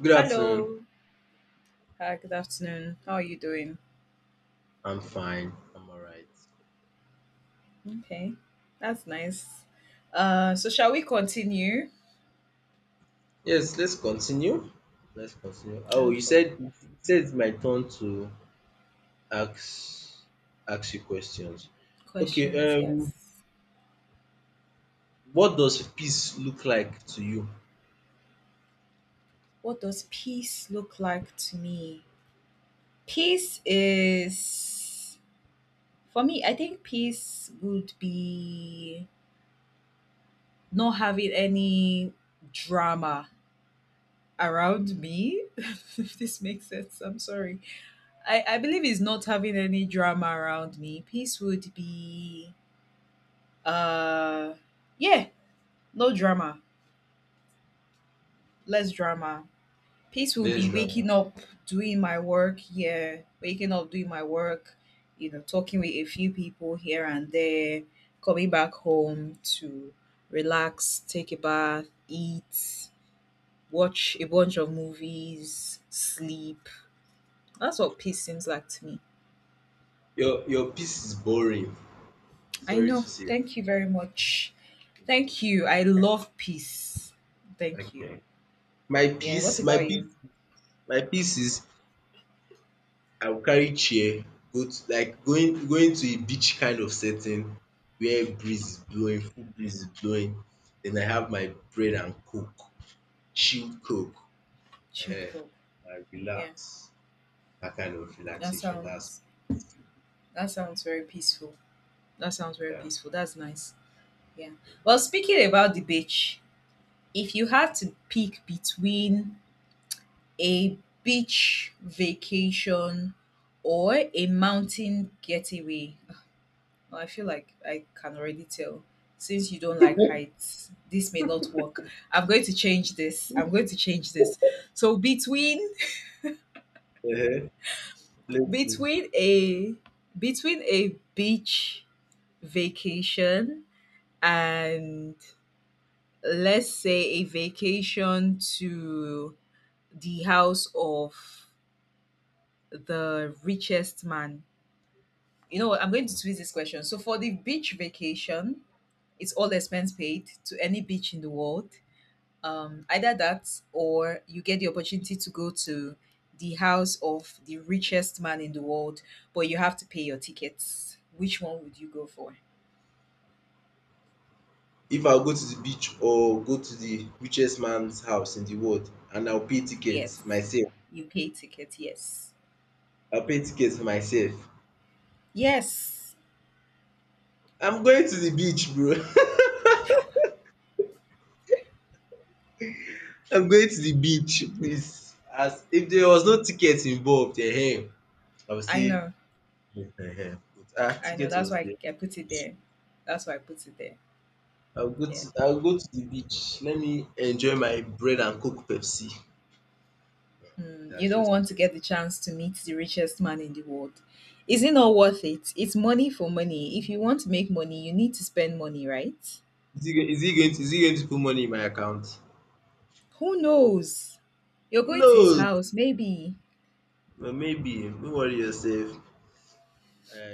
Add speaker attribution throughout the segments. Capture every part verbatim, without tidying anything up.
Speaker 1: Good afternoon.
Speaker 2: Hello. Hi, good afternoon. How are you doing?
Speaker 1: I'm fine. I'm all right.
Speaker 2: Okay. That's nice. Uh so shall we continue?
Speaker 1: Yes, let's continue. Let's continue. Oh, you
Speaker 2: Okay.
Speaker 1: said you said it's my turn to ask ask you questions. Okay.
Speaker 2: Questions,
Speaker 1: Um,
Speaker 2: yes.
Speaker 1: what does peace look like to you?
Speaker 2: What does peace look like to me? Peace is For me, I think peace would be not having any drama around me. If this makes sense, I'm sorry. I, I believe it's not having any drama around me. Peace would be Uh, yeah, no drama, less drama. Peace will
Speaker 1: Let's
Speaker 2: be
Speaker 1: drama.
Speaker 2: waking up, doing my work. Yeah, waking up, doing my work. You know, talking with a few people here and there. Coming back home to relax, take a bath, eat, watch a bunch of movies, sleep. That's what peace seems like to me.
Speaker 1: Your your peace is boring.
Speaker 2: I
Speaker 1: Sorry
Speaker 2: know.
Speaker 1: to say.
Speaker 2: Thank you very much. Thank you. I love peace. Thank you.
Speaker 1: Okay. My
Speaker 2: Yeah. What
Speaker 1: peace, my
Speaker 2: about you?
Speaker 1: peace, my peace is I will carry chair go to like going going to a beach kind of setting where breeze is blowing, full breeze is blowing. Then I have my bread and coke, chilled coke
Speaker 2: Chilled
Speaker 1: um
Speaker 2: call.
Speaker 1: and
Speaker 2: Yeah,
Speaker 1: relax. That kind of
Speaker 2: that
Speaker 1: relaxation. That's
Speaker 2: sounds that sounds very peaceful. That sounds very
Speaker 1: yeah.
Speaker 2: peaceful. That's nice. Yeah. Well, speaking about the beach, if you had to pick between a beach vacation or a mountain getaway, well, I feel like I can already tell since you don't like heights, this may not work. I'm going to change this. I'm going to change this. So between
Speaker 1: um playful.
Speaker 2: between a between a beach vacation and let's say a vacation to the house of the richest man. You know what? I'm going to twist this question. So for the beach vacation, it's all expense paid to any beach in the world. Um, either that or you get the opportunity to go to the house of the richest man in the world, but you have to pay your tickets. Which one would you go for?
Speaker 1: If I go to the beach or go to the richest man's house in the world and I will pay tickets
Speaker 2: Yes.
Speaker 1: myself,
Speaker 2: You pay ticket, yes.
Speaker 1: I will pay tickets myself.
Speaker 2: Yes.
Speaker 1: I'm going to the beach, bro. I'm going to the beach, please. As if there was no ticket involved, ehen, I would
Speaker 2: I
Speaker 1: say
Speaker 2: know.
Speaker 1: no, but ah,
Speaker 2: I know
Speaker 1: ticket
Speaker 2: that's
Speaker 1: was
Speaker 2: why
Speaker 1: there.
Speaker 2: I put it there. That's why I put it there.
Speaker 1: I will go
Speaker 2: Yeah.
Speaker 1: to I will go to the beach, let me enjoy my bread and coke Pepsi.
Speaker 2: Mm, you
Speaker 1: That's
Speaker 2: don't
Speaker 1: just
Speaker 2: want to get the chance to meet the richest man in the world. Is it not worth it? It's money for money. If you want to make money, you need to spend money, right?
Speaker 1: is he go- is he going to is he going to put money in my account?
Speaker 2: Who knows? You're going to his
Speaker 1: No,
Speaker 2: house, maybe.
Speaker 1: but maybe, don't worry yourself. I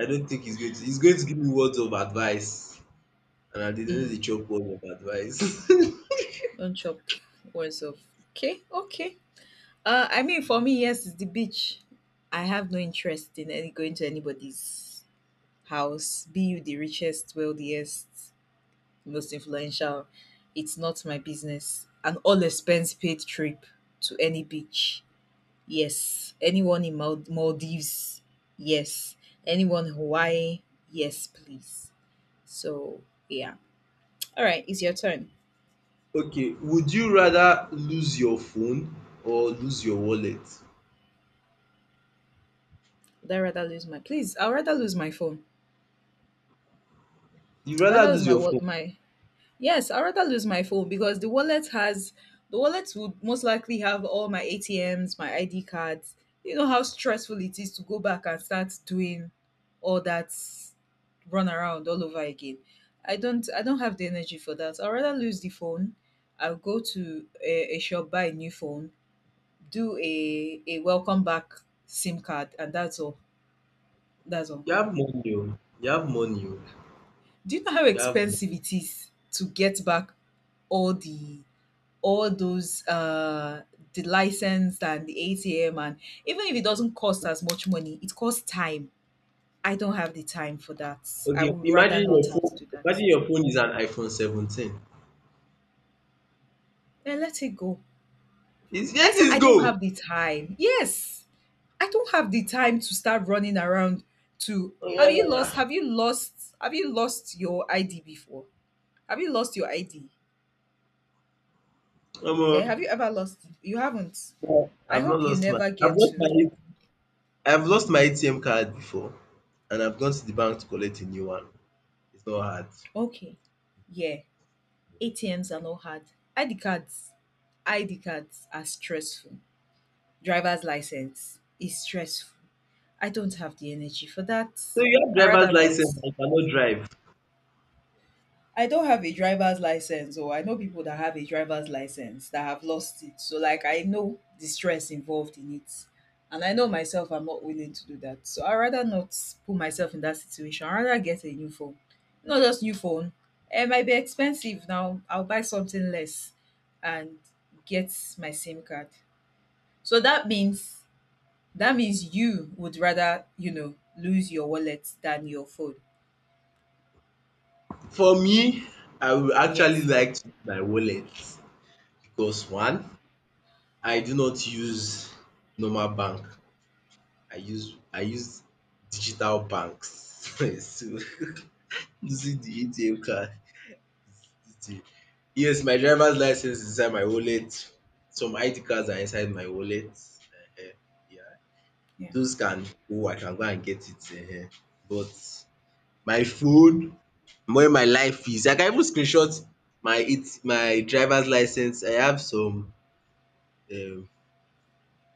Speaker 1: I don't think he's going to he's going to give me words of advice and I dey know the
Speaker 2: Mm,
Speaker 1: chop words of advice.
Speaker 2: don't chop words off. Okay, okay. Uh, I mean, for me, yes, it's the beach. I have no interest in any going to anybody's house, be you the richest, wealthiest, most influential. It's not my business. An all expense paid trip to any beach. Yes. Anyone in Mal- Maldives. Yes. Anyone in Hawaii. Yes, please. So, yeah. All right, it's your turn.
Speaker 1: Okay, would you rather lose your phone or lose your wallet?
Speaker 2: Would I rather lose my, please? I'd rather lose my phone.
Speaker 1: You
Speaker 2: I'd
Speaker 1: rather
Speaker 2: rather lose
Speaker 1: lose
Speaker 2: my
Speaker 1: your
Speaker 2: wall
Speaker 1: phone.
Speaker 2: my Yes, I'd rather lose my phone because the wallet has the wallet would most likely have all my A T Ms, my I D cards. You know how stressful it is to go back and start doing all that run around all over again. I don't I don't have the energy for that. I'd rather lose the phone. I'll go to a, a shop, buy a new phone, do a, a welcome back SIM card, and that's all. That's all.
Speaker 1: You have money o. You have money o.
Speaker 2: Do you know how
Speaker 1: You have money.
Speaker 2: expensive it is to get back all the all those uh the license and the A T M, and even if it doesn't cost as much money, it costs time. I don't have the time for that. I
Speaker 1: Okay,
Speaker 2: would rather
Speaker 1: imagine
Speaker 2: not
Speaker 1: your
Speaker 2: have to
Speaker 1: phone
Speaker 2: do that.
Speaker 1: imagine your phone is an iPhone seventeen.
Speaker 2: Then let it go.
Speaker 1: It's
Speaker 2: I
Speaker 1: yet.
Speaker 2: said
Speaker 1: Is let
Speaker 2: I
Speaker 1: it
Speaker 2: don't
Speaker 1: go.
Speaker 2: have the time. Yes. I don't have the time to start running around to have you lost have you lost have you lost your I D before? Have you lost your I D?
Speaker 1: Omo,
Speaker 2: Eh, have you ever lost? You haven't. I
Speaker 1: I've not
Speaker 2: hope you
Speaker 1: lost my
Speaker 2: never
Speaker 1: I've
Speaker 2: get
Speaker 1: lost my
Speaker 2: to.
Speaker 1: I I've lost my A T M card before and I've gone to the bank to collect a new one. It's not hard. So
Speaker 2: Okay. Yeah. A T Ms are not hard. I D cards, I D cards are stressful. Driver's license is stressful. I don't have the energy for that.
Speaker 1: you have
Speaker 2: I rather
Speaker 1: driver's
Speaker 2: not.
Speaker 1: license and you cannot drive.
Speaker 2: I don't have a driver's license, or I know people that have a driver's license that have lost it. So like I know the stress involved in it. And I know myself, I'm not willing to do that. So I'd rather not put myself in that situation. I'd rather get a new phone. Not just new phone. It might be expensive now. I'll buy something less and get my SIM card. So that means that means you would rather, you know, lose your wallet than your phone.
Speaker 1: For me, I would actually
Speaker 2: Yes.
Speaker 1: like to use my wallet. Because one, I do not use normal bank. I use I use digital banks. So using the A T M card is the yes, my driver's license is inside my wallet. Some I D cards are inside my wallet. Yeah,
Speaker 2: Yeah.
Speaker 1: those can. Oh, I can go and get it. um But my phone, where my life is, I can even screenshot my it my driver's license. I have some um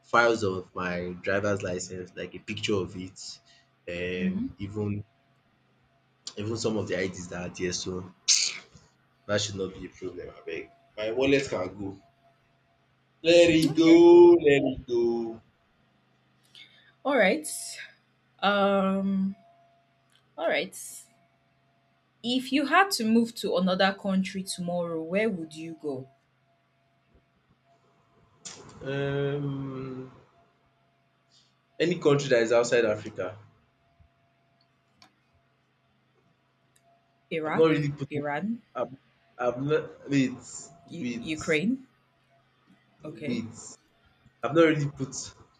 Speaker 1: files of my driver's license, like a picture of it, and
Speaker 2: Mm-hmm.
Speaker 1: even even some of the I Ds that are there. So that should not be a problem. Abeg, my wallet can go. Let it go,
Speaker 2: Okay.
Speaker 1: let it go.
Speaker 2: All right. Um, all right. If you had to move to another country tomorrow, where would you go?
Speaker 1: Um, any country that is outside Africa, I've not
Speaker 2: Iraq,
Speaker 1: really put.
Speaker 2: Iran,
Speaker 1: I've, I've not wait,
Speaker 2: U-
Speaker 1: wait,
Speaker 2: Ukraine. Okay.
Speaker 1: wait. I've not really put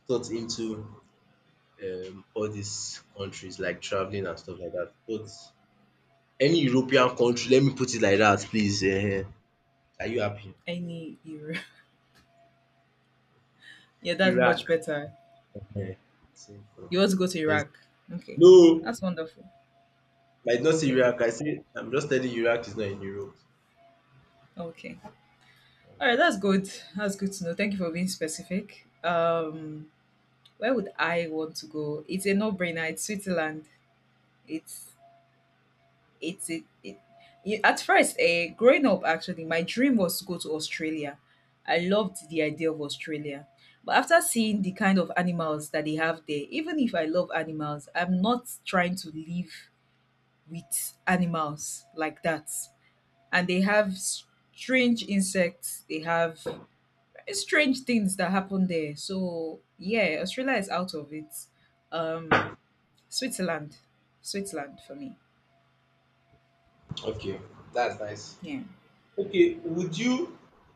Speaker 1: thought into um all these countries like traveling and stuff like that, but any European country, let me put it like that, please. Ehen. Are you happy?
Speaker 2: Any Europe. Yeah, that's
Speaker 1: Iraq.
Speaker 2: much better.
Speaker 1: Ehen. Simple.
Speaker 2: You want to go to
Speaker 1: There's
Speaker 2: Iraq? Okay.
Speaker 1: no,
Speaker 2: That's wonderful.
Speaker 1: I did not say
Speaker 2: Okay.
Speaker 1: Iraq. I say I'm just telling you Iraq is not in Europe.
Speaker 2: Okay. All right, that's good. That's good to know. Thank you for being specific. Um, where would I want to go? It's a no-brainer. It's Switzerland. It's it's it, it you, At first, eh, growing up actually my dream was to go to Australia. I loved the idea of Australia, but after seeing the kind of animals that they have there, even if I love animals, I'm not trying to live with animals like that. And they have strange insects, they have strange things that happen there. So yeah, Australia is out of it. um switzerland Switzerland for me.
Speaker 1: Okay, that's nice.
Speaker 2: Yeah.
Speaker 1: Okay, would you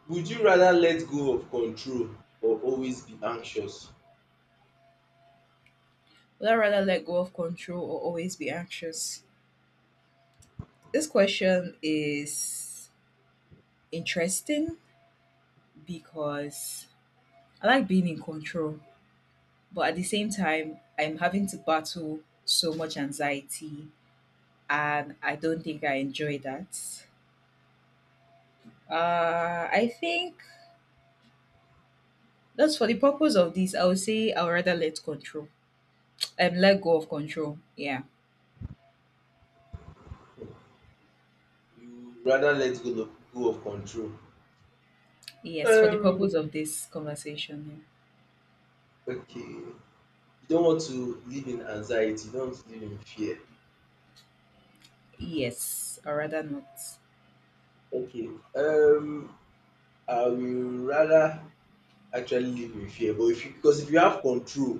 Speaker 1: would you rather let go of control or always be anxious?
Speaker 2: Would I rather let go of control or always be anxious? This question is interesting because I like being in control, but at the same time, I'm having to battle so much anxiety, and I don't think I enjoy that. Uh, I think that's for the purpose of this. I would say I would rather let control, um, let go of control. Yeah,
Speaker 1: You rather let go of go of control.
Speaker 2: yes, for the
Speaker 1: Um,
Speaker 2: purpose of this conversation.
Speaker 1: okay. You don't want to live in anxiety, you don't want to live in fear.
Speaker 2: Yeah. Yes, I'd rather not
Speaker 1: Okay. Um I will rather actually live in fear, but if you because if you have control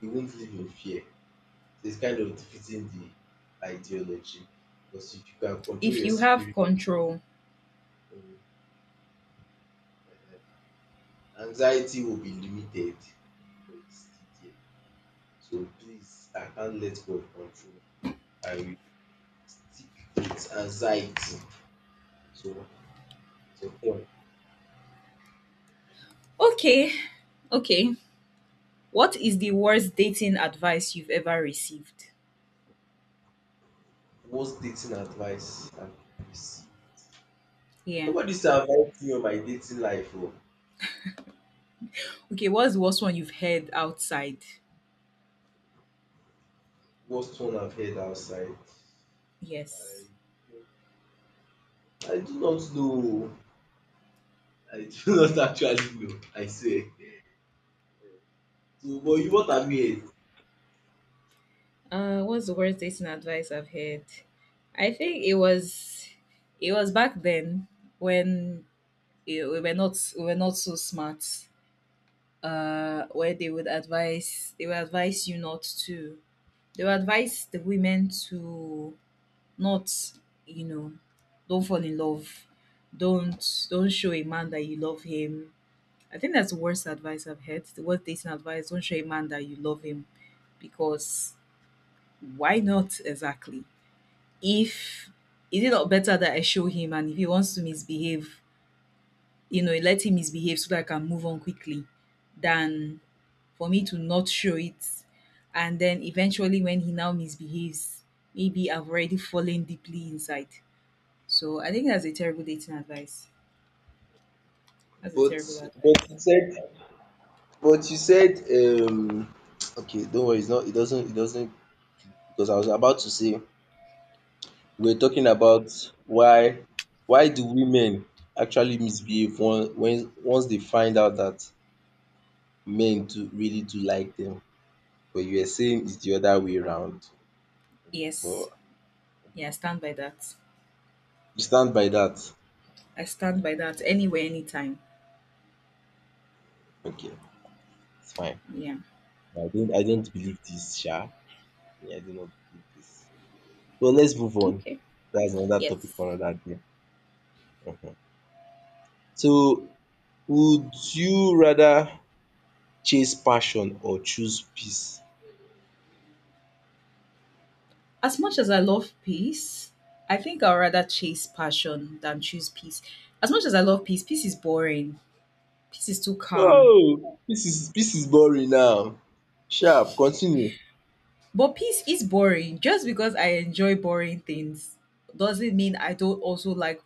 Speaker 1: you won't live in fear. So it's kind of defeating the ideology, because if you can control
Speaker 2: if
Speaker 1: your
Speaker 2: you have
Speaker 1: security
Speaker 2: control.
Speaker 1: um, anxiety will be limited but it's still there. So please I can't let God control. I will stick with anxiety. So it's your turn.
Speaker 2: Okay. Okay. What is the worst dating advice you've ever received?
Speaker 1: Worst dating advice I've received.
Speaker 2: Yeah.
Speaker 1: Nobody say me on my dating life oh.
Speaker 2: Okay, what's the worst one you've heard outside?
Speaker 1: Worst one I've heard outside.
Speaker 2: Yes.
Speaker 1: I do not know. I do not actually know, I say. So but you what have you.
Speaker 2: Uh what's the worst dating advice I've heard? I think it was it was back then when eh, we were not we were not so smart. Uh where they would advise they would advise you not to, they would advise the women to not, you know, don't fall in love. Don't don't show a man that you love him. I think that's the worst advice I've heard. The worst dating advice, don't show a man that you love him because why not exactly? If is it not better that I show him, and if he wants to misbehave, you know, let him misbehave so that I can move on quickly than for me to not show it, and then eventually when he now misbehaves, maybe I've already fallen deeply inside. So I think that's a terrible dating advice. That's a
Speaker 1: But
Speaker 2: terrible
Speaker 1: but
Speaker 2: advice.
Speaker 1: you said but you said um okay don't worry it's not it doesn't it doesn't because I was about to say we were talking about why why do women actually misbehave once when once they find out that men do really do like them, but you were saying it's the other way round,
Speaker 2: Yes.
Speaker 1: but
Speaker 2: Yeah, I stand by that.
Speaker 1: you stand by that?
Speaker 2: I stand by that anywhere, anytime.
Speaker 1: Okay, it's fine.
Speaker 2: Yeah.
Speaker 1: I don't I don't believe this sha. Me, I do not believe this. But let's move on.
Speaker 2: Okay.
Speaker 1: That's another topic
Speaker 2: Yes.
Speaker 1: for another day. Mhm. So would you rather chase passion or choose peace?
Speaker 2: As much as I love peace, I think I'd rather chase passion than choose peace. As much as I love peace, peace is boring. Peace is too calm.
Speaker 1: Oh, this is this is boring now. Sharp, continue.
Speaker 2: But peace is boring. Just because I enjoy boring things doesn't mean I don't also like,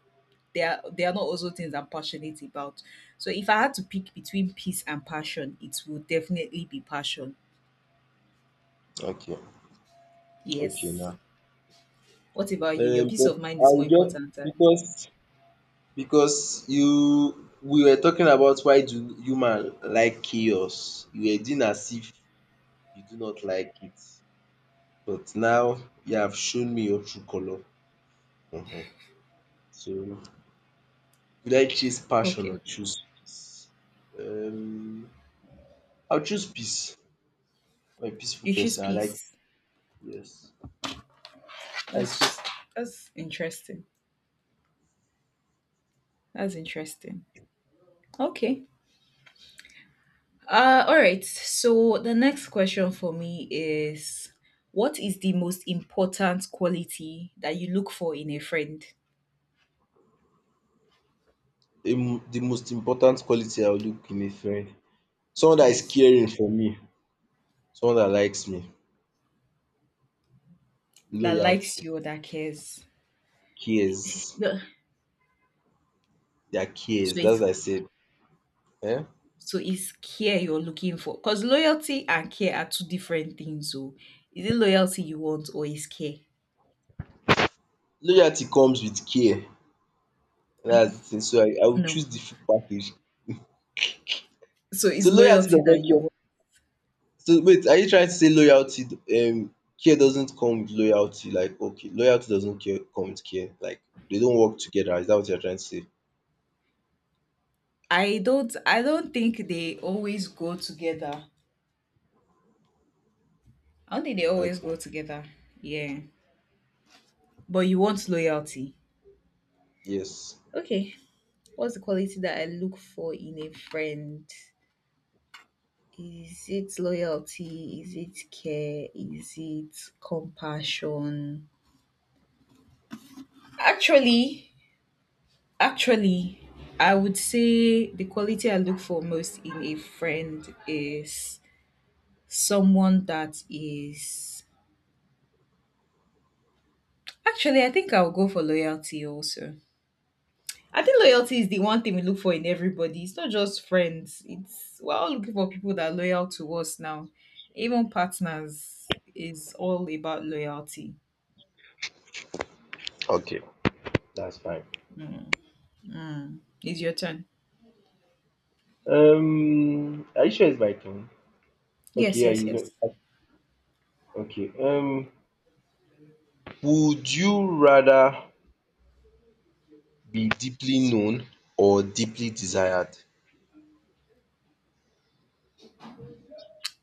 Speaker 2: they are they are not also things I'm passionate about. So if I had to pick between peace and passion, it would definitely be passion.
Speaker 1: Okay, okay
Speaker 2: Yes.
Speaker 1: now.
Speaker 2: What about you? Your
Speaker 1: Um,
Speaker 2: peace
Speaker 1: but
Speaker 2: of mind
Speaker 1: I
Speaker 2: is more
Speaker 1: will just
Speaker 2: important than
Speaker 1: because because you we were talking about why do human like chaos. You were doing as if you do not like it. But now you have shown me your true color. Mhm. So would I chase passion
Speaker 2: okay.
Speaker 1: or choose peace? Um, I'll choose peace. I'm a peaceful
Speaker 2: You choose
Speaker 1: person. I like
Speaker 2: peace.
Speaker 1: yes. I choose
Speaker 2: That's that's interesting. That's interesting. Okay. Uh all right. So the next question for me is, what is the most important quality that you look for in a friend?
Speaker 1: the the most important quality I will look in a friend. Someone that is
Speaker 2: Yes.
Speaker 1: caring for me. Someone that likes me.
Speaker 2: That likes
Speaker 1: Loyalty.
Speaker 2: you or that cares.
Speaker 1: Cares.
Speaker 2: Yeah.
Speaker 1: Their
Speaker 2: So
Speaker 1: cares. That's
Speaker 2: it's
Speaker 1: what I said. Eh?
Speaker 2: So it's care you're looking for. Because loyalty and care are two different things. So is it loyalty you want or is care?
Speaker 1: Loyalty comes with care. That's the thing. So I, I will
Speaker 2: No.
Speaker 1: choose the full package.
Speaker 2: So it's
Speaker 1: So loyalty
Speaker 2: loyalty
Speaker 1: does
Speaker 2: that
Speaker 1: not
Speaker 2: you
Speaker 1: care.
Speaker 2: want.
Speaker 1: So wait, are you trying to say loyalty um care doesn't come with loyalty? Like okay, loyalty doesn't care come with care. Like they don't work together. Is that what you're trying to say?
Speaker 2: I don't I don't think they always go together. I don't think they always
Speaker 1: Okay.
Speaker 2: go together. Yeah. But you want loyalty.
Speaker 1: Yes.
Speaker 2: Okay. What's the quality that I look for in a friend? Is it loyalty? Is it care? Is it compassion? Actually, Actually, I would say the quality I look for most in a friend is someone that is. Actually, I think I'll go for loyalty also. I think loyalty is the one thing we look for in everybody. It's not just friends. It's we're all looking for people that are loyal to us now. Even partners is all about loyalty.
Speaker 1: Okay. That's fine.
Speaker 2: Mm. It's your turn.
Speaker 1: Um are you sure it's my turn? Okay,
Speaker 2: Yes,
Speaker 1: yeah, you
Speaker 2: yes, yes.
Speaker 1: know- okay. Um would you rather be deeply known or deeply desired?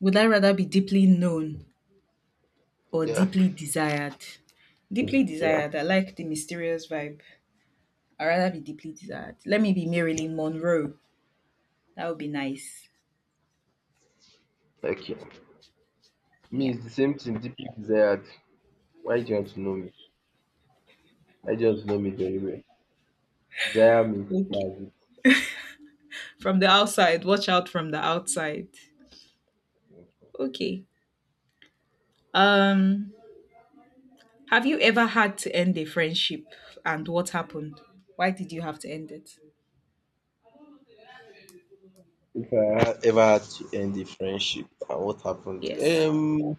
Speaker 2: Would I rather be deeply known or
Speaker 1: Yeah,
Speaker 2: deeply desired? Deeply
Speaker 1: yeah.
Speaker 2: desired. I like the mysterious vibe. I'd rather be deeply desired. Let me be Marilyn Monroe. That would be nice.
Speaker 1: Okay. Me
Speaker 2: Yeah.
Speaker 1: it's the same thing, deeply desired. Why do you want to know me? I just know me very well. Desire me
Speaker 2: Okay.
Speaker 1: that
Speaker 2: From the outside, watch out from the outside. Okay. Um, have you ever had to end a friendship and what happened? Why did you have to end it?
Speaker 1: if I had ever had to end a friendship and what happened.
Speaker 2: Yes.
Speaker 1: Um,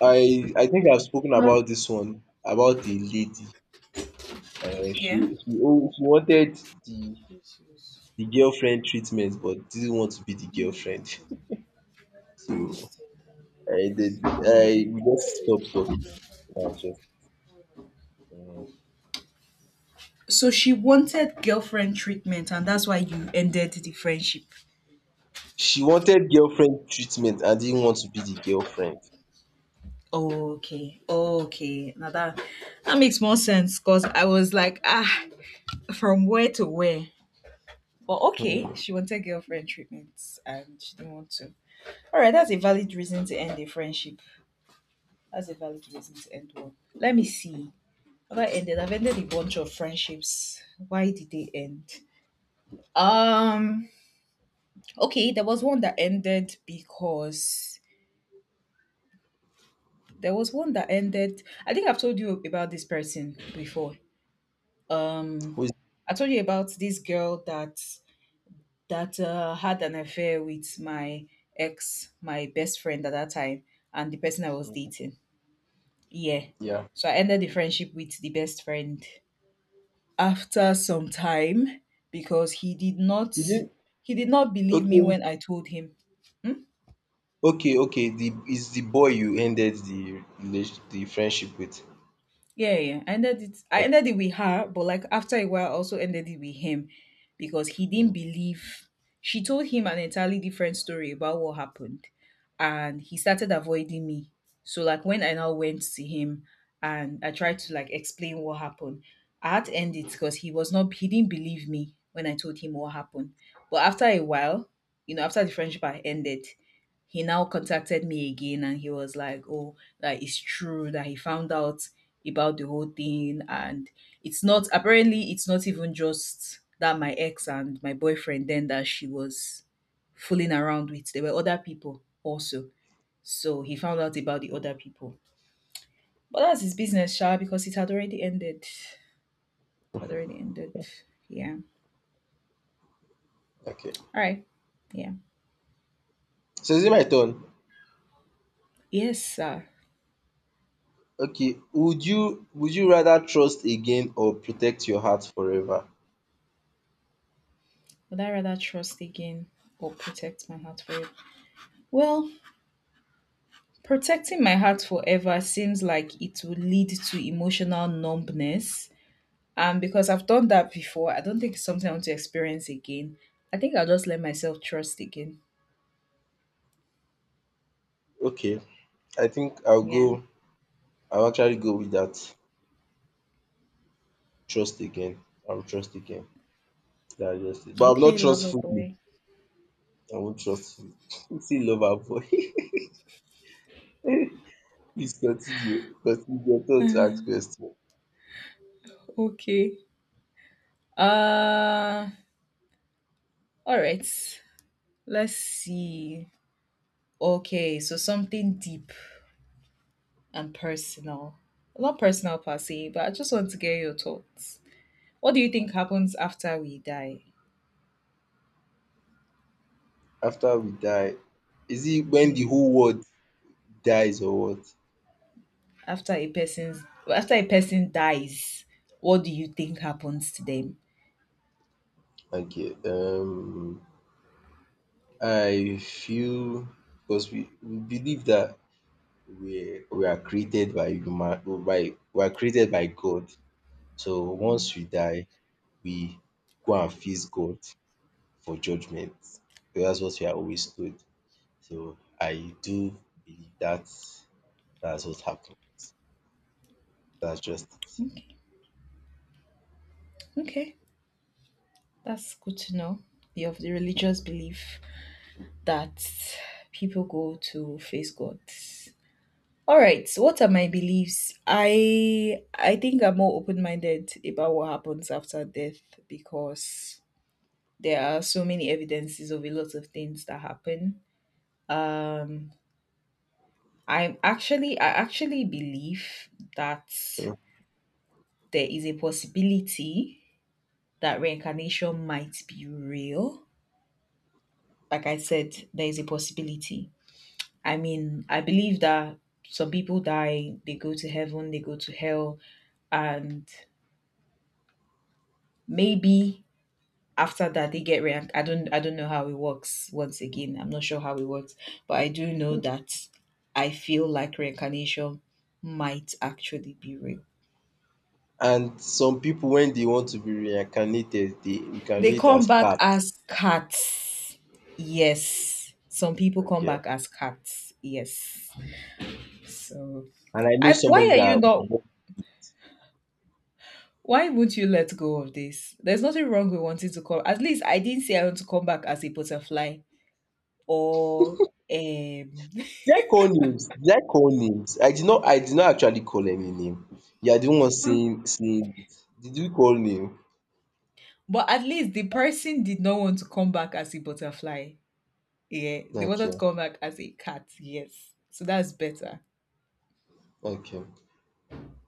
Speaker 1: I I think I've spoken about this one about the lady. Uh,
Speaker 2: Yeah.
Speaker 1: she she oh, she wanted the the girlfriend treatment but didn't want to be the girlfriend. So I did. I we just stopped talking. And I was just, uh,
Speaker 2: So she wanted girlfriend treatment and that's why you ended the friendship.
Speaker 1: she wanted girlfriend treatment and didn't want to be the girlfriend.
Speaker 2: Okay, okay. Now that that makes more sense because I was like, ah, from where to where? But okay,
Speaker 1: Hmm.
Speaker 2: she wanted girlfriend treatments and she didn't want to. All right, that's a valid reason to end a friendship. That's a valid reason to end one. Let me see. Have I ended? I've ended a bunch of friendships. Why did they end? Um. Okay, there was one that ended because there was one that ended. I think I've told you about this person before. um
Speaker 1: Who is-
Speaker 2: I told you about this girl that that uh, had an affair with my ex my best friend at that time and the person I was dating. Yeah,
Speaker 1: Yeah.
Speaker 2: so I ended the friendship with the best friend after some time because he did not
Speaker 1: You did.
Speaker 2: he did not believe me
Speaker 1: Okay,
Speaker 2: when I told him.
Speaker 1: okay, okay. The is the boy you ended the relation the friendship with.
Speaker 2: Yeah, yeah. I ended it. I ended it with her, but like after a while, I also ended it with him because he didn't
Speaker 1: Mm,
Speaker 2: believe. She told him an entirely different story about what happened, and he started avoiding me. So like when I now went to him and I tried to like explain what happened, I had to end it because he was not. He didn't believe me when I told him what happened. But after a while, you know, after the friendship I ended, he now contacted me again and he was like, oh, that it's true, that he found out about the whole thing. And it's not, apparently, it's not even just that my ex and my boyfriend then that she was fooling around with. There were other people also. So he found out about the other people. But that's his business, Sha, because it had already ended. It had already ended. Yeah.
Speaker 1: okay
Speaker 2: All right. Yeah.
Speaker 1: so is it my turn
Speaker 2: Yes, sir.
Speaker 1: okay would you would you rather trust again or protect your heart forever
Speaker 2: Would I rather trust again or protect my heart forever? Well, protecting my heart forever seems like it will lead to emotional numbness. And because I've done that before, I don't think it's something I want to experience again. I think I'll just let myself trust again.
Speaker 1: okay I think I'll
Speaker 2: Yeah.
Speaker 1: go I'll actually go with that trust again I'll trust again yeah yes but I am not
Speaker 2: Okay, lover
Speaker 1: trustful.
Speaker 2: boy.
Speaker 1: I won't trust fully see loverboy please continue continue your turn to ask question
Speaker 2: Okay. Uh all right. Let's see. Okay, so something deep and personal. Not personal per se, but I just want to get your thoughts. What do you think happens after we die?
Speaker 1: after we die is it when the
Speaker 2: Yeah.
Speaker 1: whole world dies or what?
Speaker 2: After a person's after a person dies, what do you think happens to them?
Speaker 1: Okay, um, I feel because we, we believe that we we are created by human by we are created by God. So once we die, we go and face God for judgment. So that's what we are always told. So I do believe that that's what happens. That's just it.
Speaker 2: Okay, that's good to know. You have the religious belief that people go to face God. All right, so what are my beliefs? I i think I'm more open-minded about what happens after death, because there are so many evidences of a lot of things that happen. i'm actually I actually believe that
Speaker 1: Mm.
Speaker 2: there is a possibility that reincarnation might be real. Like I said, there is a possibility. I mean, I believe that some people die, they go to heaven, they go to hell, and maybe after that they get re- I don't I don't know how it works. Once again, I'm not sure how it works, but I do know that I feel like reincarnation might actually be real.
Speaker 1: And some people when they want to be reincarnated, they
Speaker 2: They
Speaker 1: reincarnate
Speaker 2: come
Speaker 1: as
Speaker 2: back
Speaker 1: cats.
Speaker 2: as cats. Yes. Some people come
Speaker 1: Okay.
Speaker 2: back as cats. Yes. So,
Speaker 1: and I know
Speaker 2: and
Speaker 1: somebody
Speaker 2: why are you
Speaker 1: that.
Speaker 2: not? Why would you let go of this? There's nothing wrong with wanting to come. At least I didn't say I want to come back as a butterfly or um.
Speaker 1: Did I call names? Did I call names? I did not. I did not actually call any name. You are the one saying saying it. Did you call name?
Speaker 2: But at least the person did not want to come back as a butterfly. Yeah, they wanted to
Speaker 1: Okay,
Speaker 2: come back as a cat. Yes, so that's better.
Speaker 1: okay,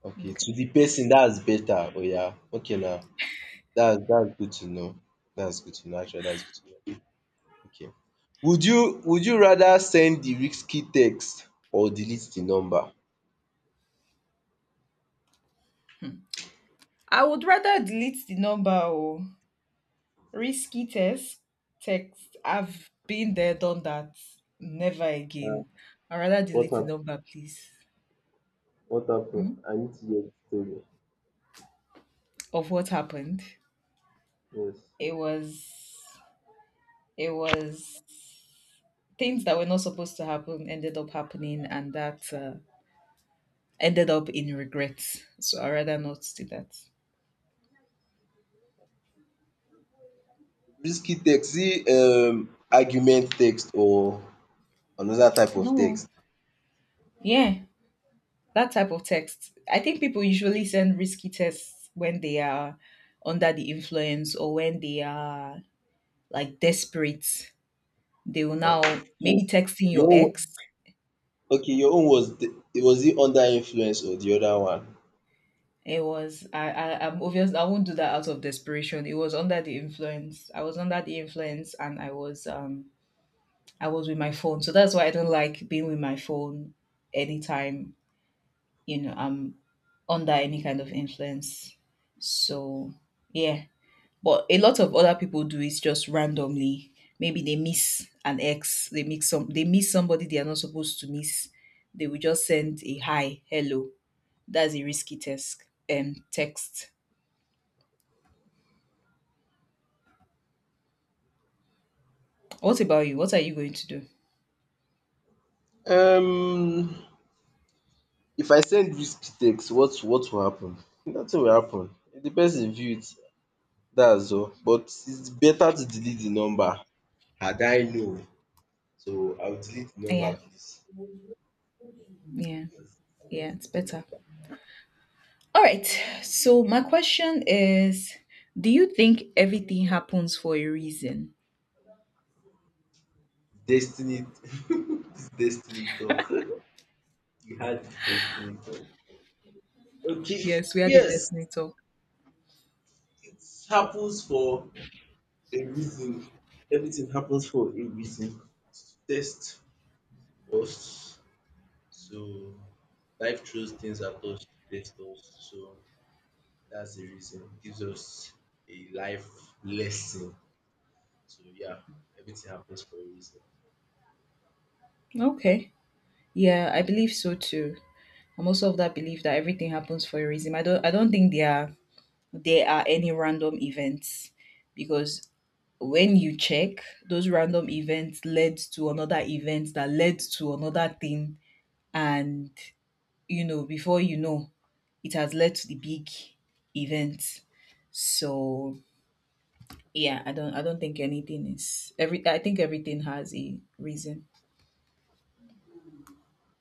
Speaker 1: okay.
Speaker 2: Okay,
Speaker 1: To the person that's better. Oya. Okay na. That's that's good to know. That's good to know, actually. That's good to know. Okay. Would you would you rather send the risky text or delete the number?
Speaker 2: I would rather delete the number or risky test text. I've been there, done that. Never
Speaker 1: Ah,
Speaker 2: again. I'd rather
Speaker 1: what
Speaker 2: delete the
Speaker 1: hap
Speaker 2: number, please.
Speaker 1: what happen?
Speaker 2: Hmm?
Speaker 1: I need to hear the story.
Speaker 2: Of what happened.
Speaker 1: Yes.
Speaker 2: It was it was things that were not supposed to happen ended up happening, and that uh, ended up in regrets. So I rather not do that.
Speaker 1: Risky text see um argument text or another type of
Speaker 2: No,
Speaker 1: text.
Speaker 2: yeah, that type of text. I think people usually send risky texts when they are under the influence or when they are like desperate. They will
Speaker 1: Okay.
Speaker 2: now
Speaker 1: So
Speaker 2: maybe texting your
Speaker 1: your own
Speaker 2: ex.
Speaker 1: okay your own was the was it under influence or the other one?
Speaker 2: It was I, I I'm obvious I won't do that out of desperation. It was under the influence. I was under the influence and I was um I was with my phone. So that's why I don't like being with my phone anytime, you know, I'm under any kind of influence. So yeah. But a lot of other people do it just randomly. Maybe they miss an ex, they mix some they miss somebody they are not supposed to miss. They will just send a hi, hello. That's a risky task um text. What about you? What are you going to do?
Speaker 1: Um if I send risky text what what will happen? Nothing will happen. If the person view it dats all but it's better to delete the number. Had I known, so I will delete the number
Speaker 2: Yeah.
Speaker 1: please.
Speaker 2: Yeah.
Speaker 1: Yes.
Speaker 2: Yeah, it's better. All right. So my question is, do you think everything happens for a reason?
Speaker 1: Destiny. This destiny talk. You had destiny, but okay,
Speaker 2: Yes, we are the
Speaker 1: yes,
Speaker 2: destiny talk.
Speaker 1: it happens for a reason. Everything happens for a reason. It's to test us. So life throws things at us to test us. So that's the reason. It gives us a life lesson. So yeah, everything happens for a reason.
Speaker 2: Okay. Yeah, I believe so too. I'm also of that belief that everything happens for a reason. I don't I don't think there are there are any random events, because when you check, those random events led to another event that led to another thing, and you know, before you know, it has led to the big event. So yeah, I don't I don't think anything is every I think everything has a reason.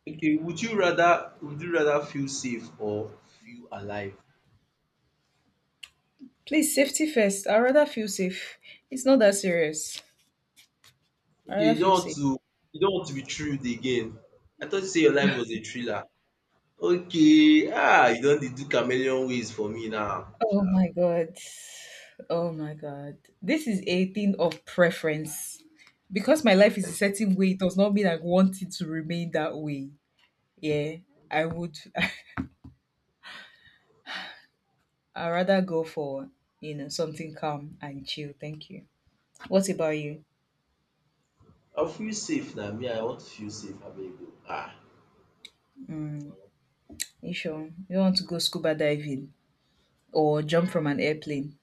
Speaker 1: Okay, would you rather would you rather feel safe or feel alive?
Speaker 2: Please, safety first. I rather feel safe. It's not that serious. I
Speaker 1: Okay,
Speaker 2: rather
Speaker 1: you
Speaker 2: feel
Speaker 1: don't want
Speaker 2: safe.
Speaker 1: to you don't want to be thrilled again. I thought you say your life was a thriller. Okay, ah, you don dey do chameleon ways for me now. Sha.
Speaker 2: Oh my god. Oh my god. This is a thing of preference. Because my life is a certain way, it does not mean I want it to remain that way. Yeah. I would I'd rather go for you know something calm and chill. Thank you. What about you?
Speaker 1: I feel safe na, me I want to feel safe abeg o. Ah,
Speaker 2: Mm, you sure you don't want to go scuba diving or jump from an airplane?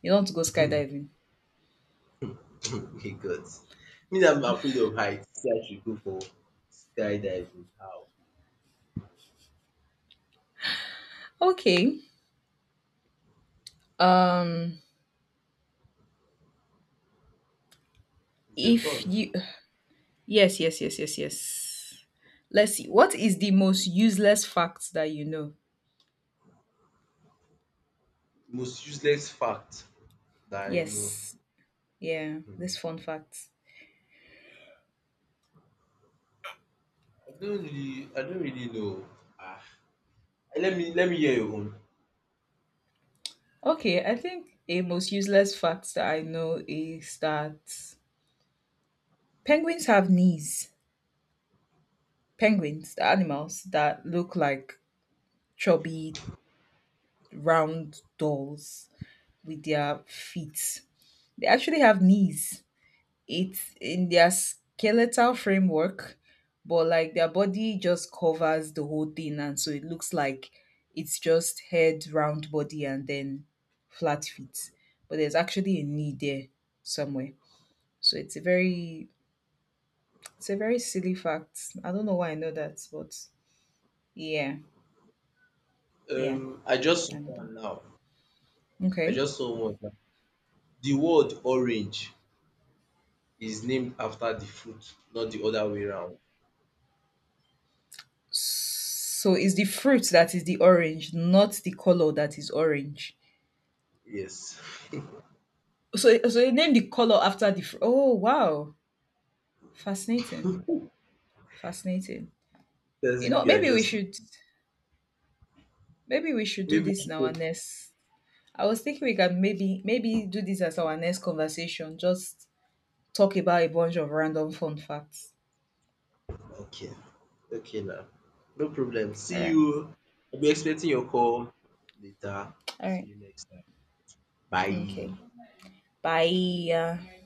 Speaker 2: You don't want to go skydiving?
Speaker 1: my God. Me na I'm afraid of height. Say I should go for skydiving. How?
Speaker 2: Okay. Um,
Speaker 1: It's your
Speaker 2: if
Speaker 1: turn.
Speaker 2: you Yes yes yes yes yes. Let's see. What is the most useless fact that you know?
Speaker 1: Most useless fact that I know.
Speaker 2: Yes. Yeah.
Speaker 1: Hmm.
Speaker 2: This fun fact.
Speaker 1: I don't really I don't really know. Ah, let me let me hear your own.
Speaker 2: Okay, I think a most useless fact that I know is that penguins have knees. Penguins, the animals that look like chubby, round dolls with their feet. They actually have knees. It's in their skeletal framework, but like their body just covers the whole thing. And so it looks like it's just head, round body, and then flat feet. But there's actually a knee there somewhere. So it's a very it's a very silly fact. I don't know why I know that, but yeah, yeah,
Speaker 1: Um, I just saw
Speaker 2: I know that.
Speaker 1: one now. I
Speaker 2: Okay.
Speaker 1: just saw one. The word orange is named after the fruit, not the other way round.
Speaker 2: So it's the fruit that is the orange, not the color that is orange.
Speaker 1: Yes.
Speaker 2: So so they name the color after the fruit. Oh wow. Fascinating. Fascinating.
Speaker 1: As
Speaker 2: You
Speaker 1: if
Speaker 2: know,
Speaker 1: you are
Speaker 2: maybe we
Speaker 1: just
Speaker 2: should maybe we should do
Speaker 1: maybe
Speaker 2: this in our
Speaker 1: people.
Speaker 2: next I was thinking we can maybe maybe do this as our next conversation. Just talk about a bunch of random fun facts.
Speaker 1: Okay. Okay now. No problem.
Speaker 2: All
Speaker 1: See
Speaker 2: right.
Speaker 1: you. I'll be expecting your call later.
Speaker 2: All
Speaker 1: See
Speaker 2: right.
Speaker 1: you next time.
Speaker 2: Okay.
Speaker 1: Bye.
Speaker 2: Bye.